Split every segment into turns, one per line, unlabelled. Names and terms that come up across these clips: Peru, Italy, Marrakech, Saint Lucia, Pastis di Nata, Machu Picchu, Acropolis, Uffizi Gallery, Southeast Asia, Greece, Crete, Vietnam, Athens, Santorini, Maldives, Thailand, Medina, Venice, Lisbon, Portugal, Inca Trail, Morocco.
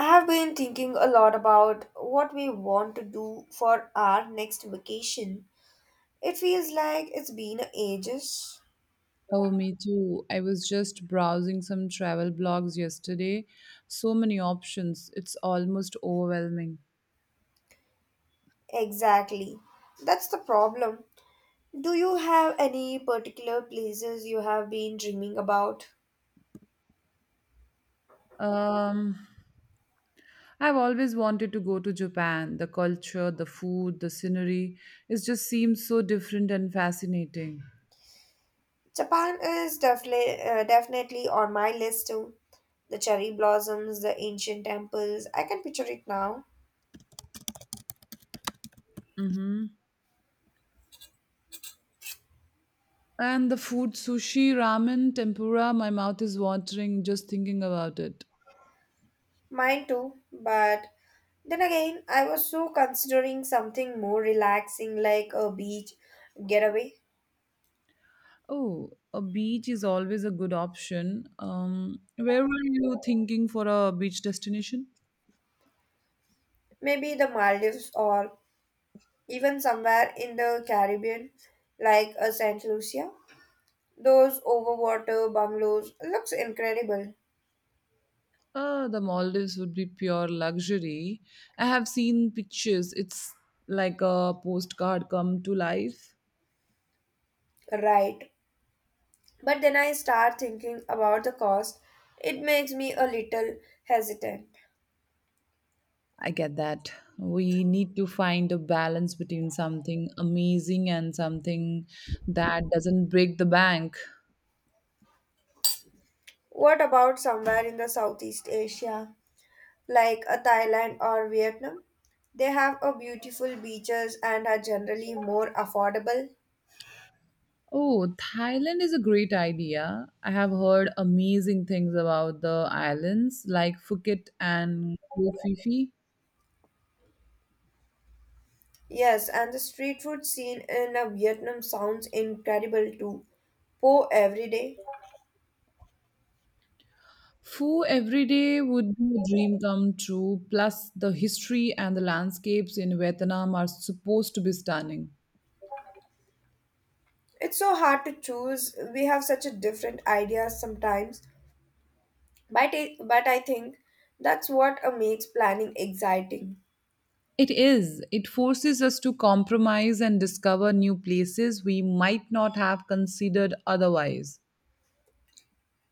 I have been thinking a lot about what we want to do for our next vacation. It feels like it's been ages.
Oh, me too. I was just browsing some travel blogs yesterday. So many options. It's almost overwhelming.
Exactly. That's the problem. Do you have any particular places you have been dreaming about?
Um, I've always wanted to go to Japan. The culture, the food, the scenery. It just seems so different and fascinating.
Japan is definitely definitely on my list too. The cherry blossoms, the ancient temples. I can picture it now.
Mm-hmm. And the food, sushi, ramen, tempura, my mouth is watering just thinking about it.
Mine too, but then again, I was so considering something more relaxing like a beach getaway,
Oh, a beach is always a good option. Where were you thinking for a beach destination?
maybe the Maldives or even somewhere in the Caribbean like a Saint Lucia. Those overwater bungalows looks incredible,
The Maldives would be pure luxury. I have seen pictures. It's like a postcard come to life.
right? But then I start thinking about the cost. It makes me a little hesitant.
I get that. We need to find a balance between something amazing and something that doesn't break the bank.
What about somewhere in the Southeast Asia? Like a Thailand or Vietnam. They have a beautiful beaches and are generally more affordable.
Oh, Thailand is a great idea. I have heard amazing things about the islands like Phuket and Koh Phi Phi.
Yes, and the street food scene in Vietnam sounds incredible too. Po every day.
Foo every day would be a dream come true, plus, the history and the landscapes in Vietnam are supposed to be stunning.
It's so hard to choose. We have such a different ideas sometimes, but I think that's what makes planning exciting.
It is. It forces us to compromise and discover new places we might not have considered otherwise.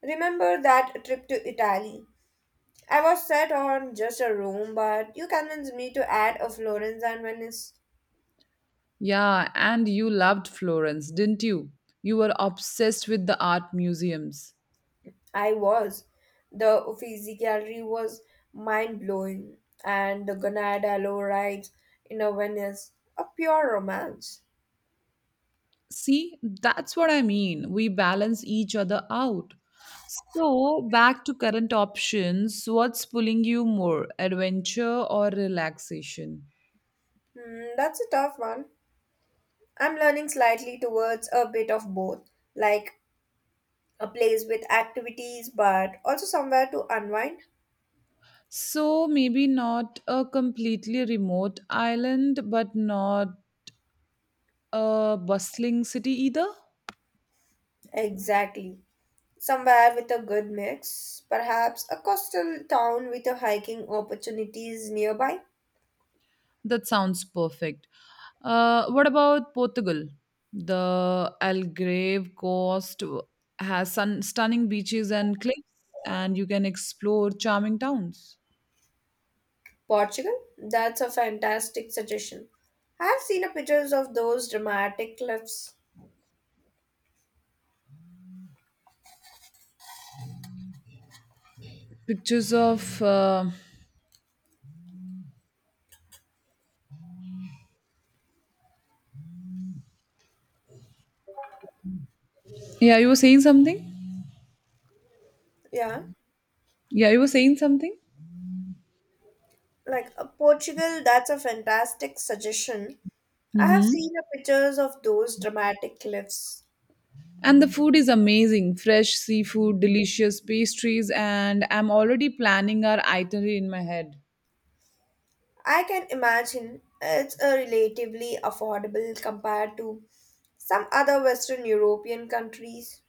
Remember that trip to Italy? I was set on just a room, but you convinced me to add a Florence and Venice.
Yeah, and you loved Florence, didn't you? You were obsessed with the art museums.
I was. The Uffizi Gallery was mind blowing, and the Gonadalo rides in a Venice, a pure romance.
See, that's what I mean. We balance each other out. So, back to current options, what's pulling you more, adventure or relaxation?
That's a tough one. I'm leaning slightly towards a bit of both, like a place with activities, but also somewhere to unwind.
So, maybe not a completely remote island, but not a bustling city either?
Exactly. Somewhere with a good mix, perhaps a coastal town with a hiking opportunities nearby.
That sounds perfect. What about Portugal? The Algarve coast has stunning beaches and cliffs, and you can explore charming towns.
Portugal? That's a fantastic suggestion. I have seen a pictures of those dramatic cliffs.
Pictures of. Yeah, you were saying something?
Yeah,
Yeah, you were saying something?
like Portugal, that's a fantastic suggestion. I have
Mm-hmm.
seen a pictures of those dramatic cliffs.
And the food is amazing fresh seafood, delicious pastries, and I'm already planning our itinerary in my head.
I can imagine it's a relatively affordable compared to some other Western European countries.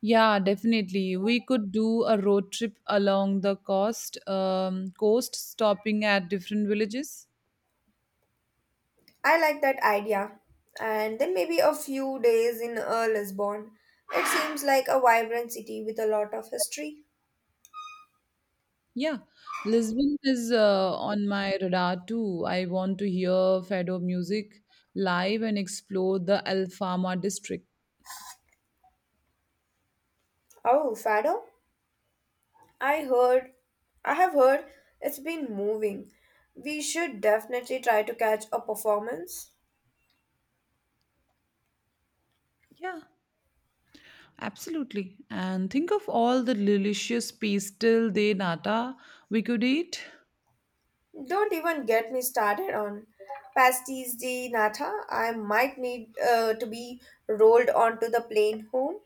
Yeah, definitely. We could do a road trip along the coast, coast, stopping at different villages.
I like that idea. And then maybe a few days in Lisbon. It seems like a vibrant city with a lot of history.
Yeah, Lisbon is on my radar too. I want to hear Fado music live and explore the Alfama district.
Oh, Fado? I heard, I have heard it's been moving. We should definitely try to catch a performance.
Yeah, absolutely. And think of all the delicious pastel de nata we could eat.
Don't even get me started on Pastis di Nata. I might need to be rolled onto the plane home.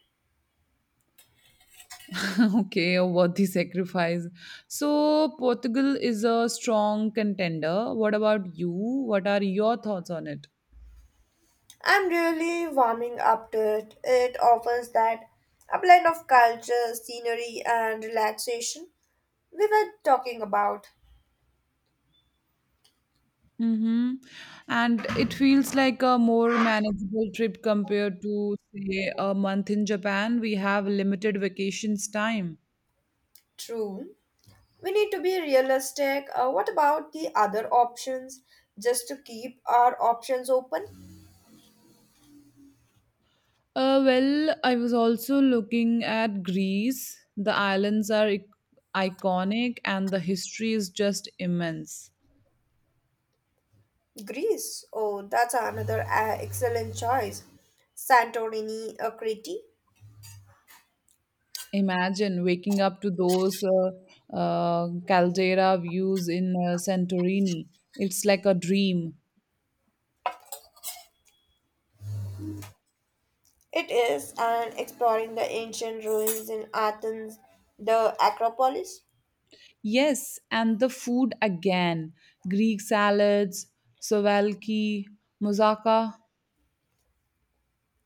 Okay, a worthy sacrifice. So, Portugal is a strong contender. What about you? What are your thoughts on it?
I'm really warming up to it. It offers that a blend of culture, scenery, and relaxation we were talking about.
Mm-hmm. And it feels like a more manageable trip compared to, say, a month in Japan. We have limited vacations time.
True. We need to be realistic. What about the other options? Just to keep our options open?
Well, I was also looking at Greece. The islands are iconic and the history is just immense.
Greece. Oh, that's another excellent choice. Santorini, Crete.
Imagine waking up to those caldera views in Santorini. It's like a dream.
It is, and exploring the ancient ruins in Athens, the Acropolis.
Yes, and the food again Greek salads, souvlaki, moussaka.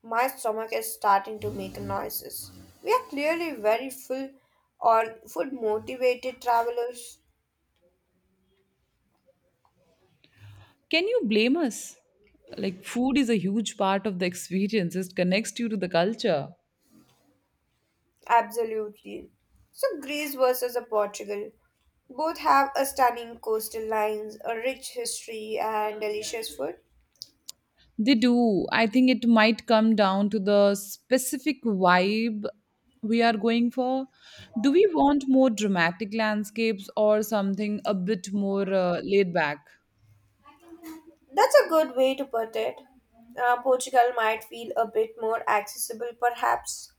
My stomach is starting to make noises. We are clearly very full or food motivated travelers.
Can you blame us? Like, food is a huge part of the experience, it connects you to the culture.
Absolutely. So, Greece versus a Portugal. Both have a stunning coastal lines, a rich history, and delicious food.
They do. I think it might come down to the specific vibe we are going for. Do we want more dramatic landscapes or something a bit more laid back?
That's a good way to put it. Portugal might feel a bit more accessible, perhaps.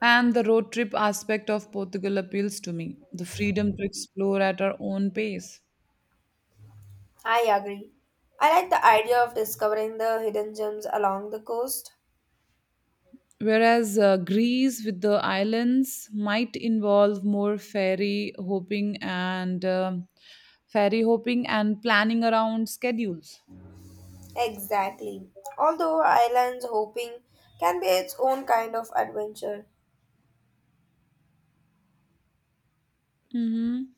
And the road trip aspect of Portugal appeals to me the freedom to explore at our own pace.
I agree. I like the idea of discovering the hidden gems along the coast.
Whereas Greece with the islands might involve more ferry hopping and planning around schedules.
Exactly. Although islands hopping can be its own kind of adventure.
Mhm.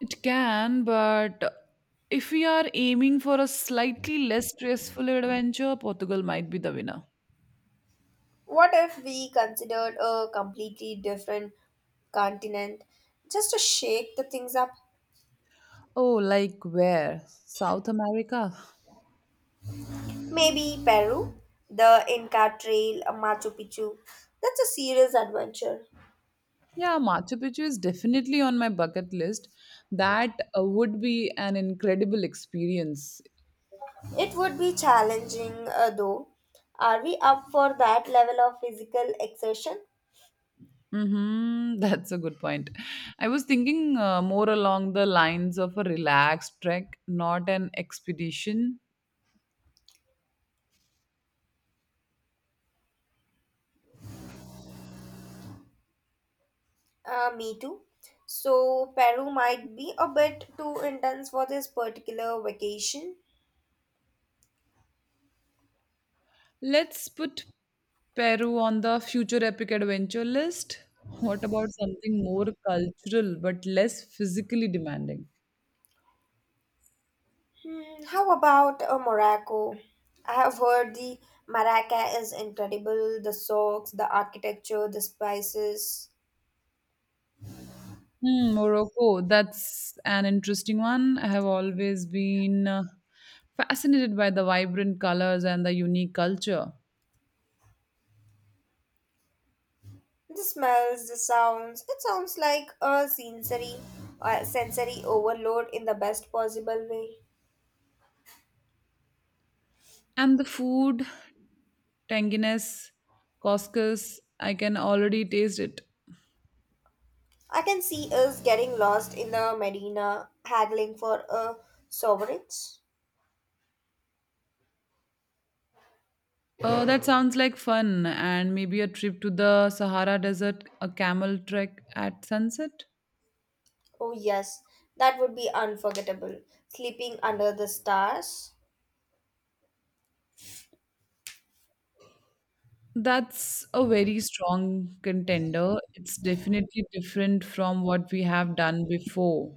It can, but if we are aiming for a slightly less stressful adventure, Portugal might be the winner.
What if we considered a completely different continent just to shake the things up?
Oh, like where? South America?
Maybe Peru, the Inca Trail, Machu Picchu. That's a serious adventure.
Yeah, Machu Picchu is definitely on my bucket list. That would be an incredible experience.
It would be challenging though. Are we up for that level of physical exertion?
Mm-hmm. That's a good point. I was thinking more along the lines of a relaxed trek, not an expedition.
Me too. So, Peru might be a bit too intense for this particular vacation.
Let's put Peru on the future epic adventure list. What about something more cultural but less physically demanding?
How about Morocco? I have heard the maraca is incredible. The socks, the architecture, the spices,
Hmm, Morocco, that's an interesting one. I have always been fascinated by the vibrant colors and the unique culture.
the smells, the sounds. It sounds like a sensory overload in the best possible way.
And the food, tanginess, couscous, I can already taste it.
I can see us getting lost in the Medina, haggling for a sovereign.
Oh, that sounds like fun. And maybe a trip to the Sahara Desert, a camel trek at sunset?
Oh yes, that would be unforgettable. Sleeping under the stars.
That's a very strong contender. It's definitely different from what we have done before.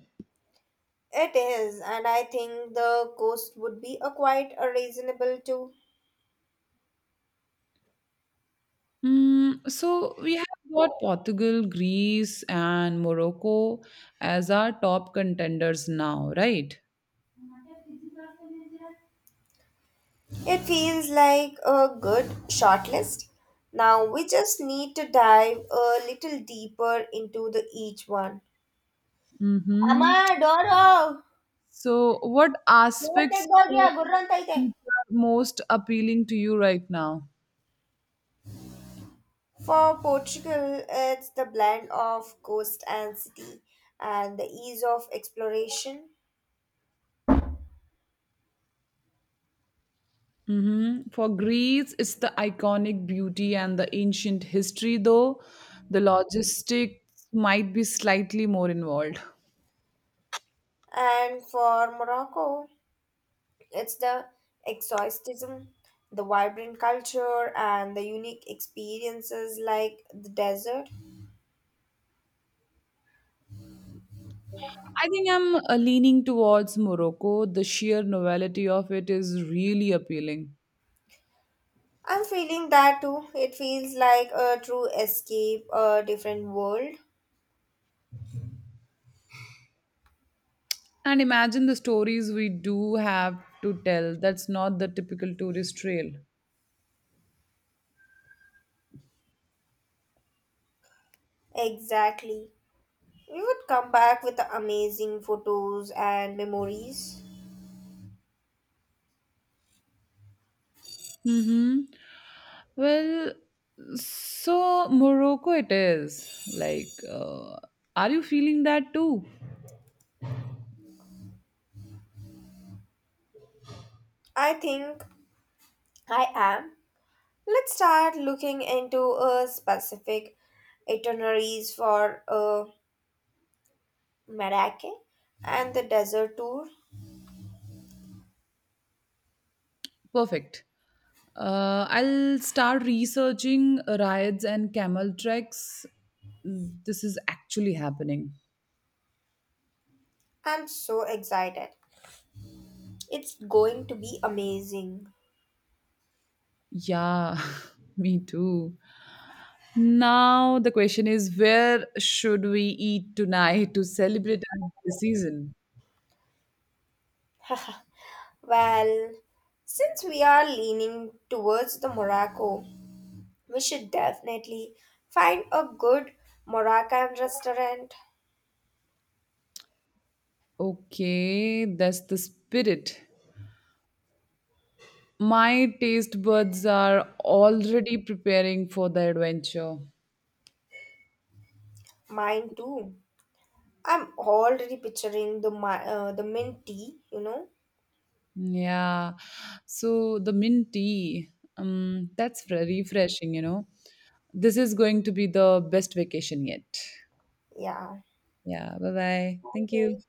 It is, and I think the cost would be a quite a reasonable too.
Mm, so we have got Portugal, Greece, and Morocco as our top contenders now, right?
It feels like a good shortlist. Now we just need to dive a little deeper into the each one. ಅಮ್ಮ
Mm-hmm.
Door
So, what
door
aspects
ತೆಗ್ದೋಗಿ ಆ
of
ಗುರ್ರ ಅಂತ ಐತೆ
Egypt are most appealing to you right now?
For Portugal, it's the blend of coast and city and the ease of exploration.
Mhm. For Greece, it's the iconic beauty and the ancient history, though the logistics might be slightly more involved.
And for Morocco, it's the exoticism, the vibrant culture, and the unique experiences like the desert.
I think I'm leaning towards Morocco. The sheer novelty of it is really appealing.
I'm feeling that too. It feels like a true escape, a different world.
And imagine the stories we do have to tell. That's not the typical tourist trail.
Exactly. We would come back with the amazing photos and memories.
Mm-hmm. Well, so Morocco it is. Like, are you feeling that too?
I think I am. Let's start looking into a specific itineraries for Marrakech and the desert tour.
Perfect. I'll start researching rides and camel treks. Mm, this is actually happening.
I'm so excited. It's going to be amazing.
Yeah, me too. Now the question is where should we eat tonight to celebrate our holiday season?
Well, since we are leaning towards the Morocco, we should definitely find a good Moroccan restaurant.
Okay, that's the spirit. My taste buds are already preparing for the adventure.
Mine too. I'm already picturing the the mint tea, you know?
Yeah. So the mint tea, that's very refreshing, you know. This is going to be the best vacation yet.
Yeah.
Yeah. Bye bye.
Thank
Thank you.
you.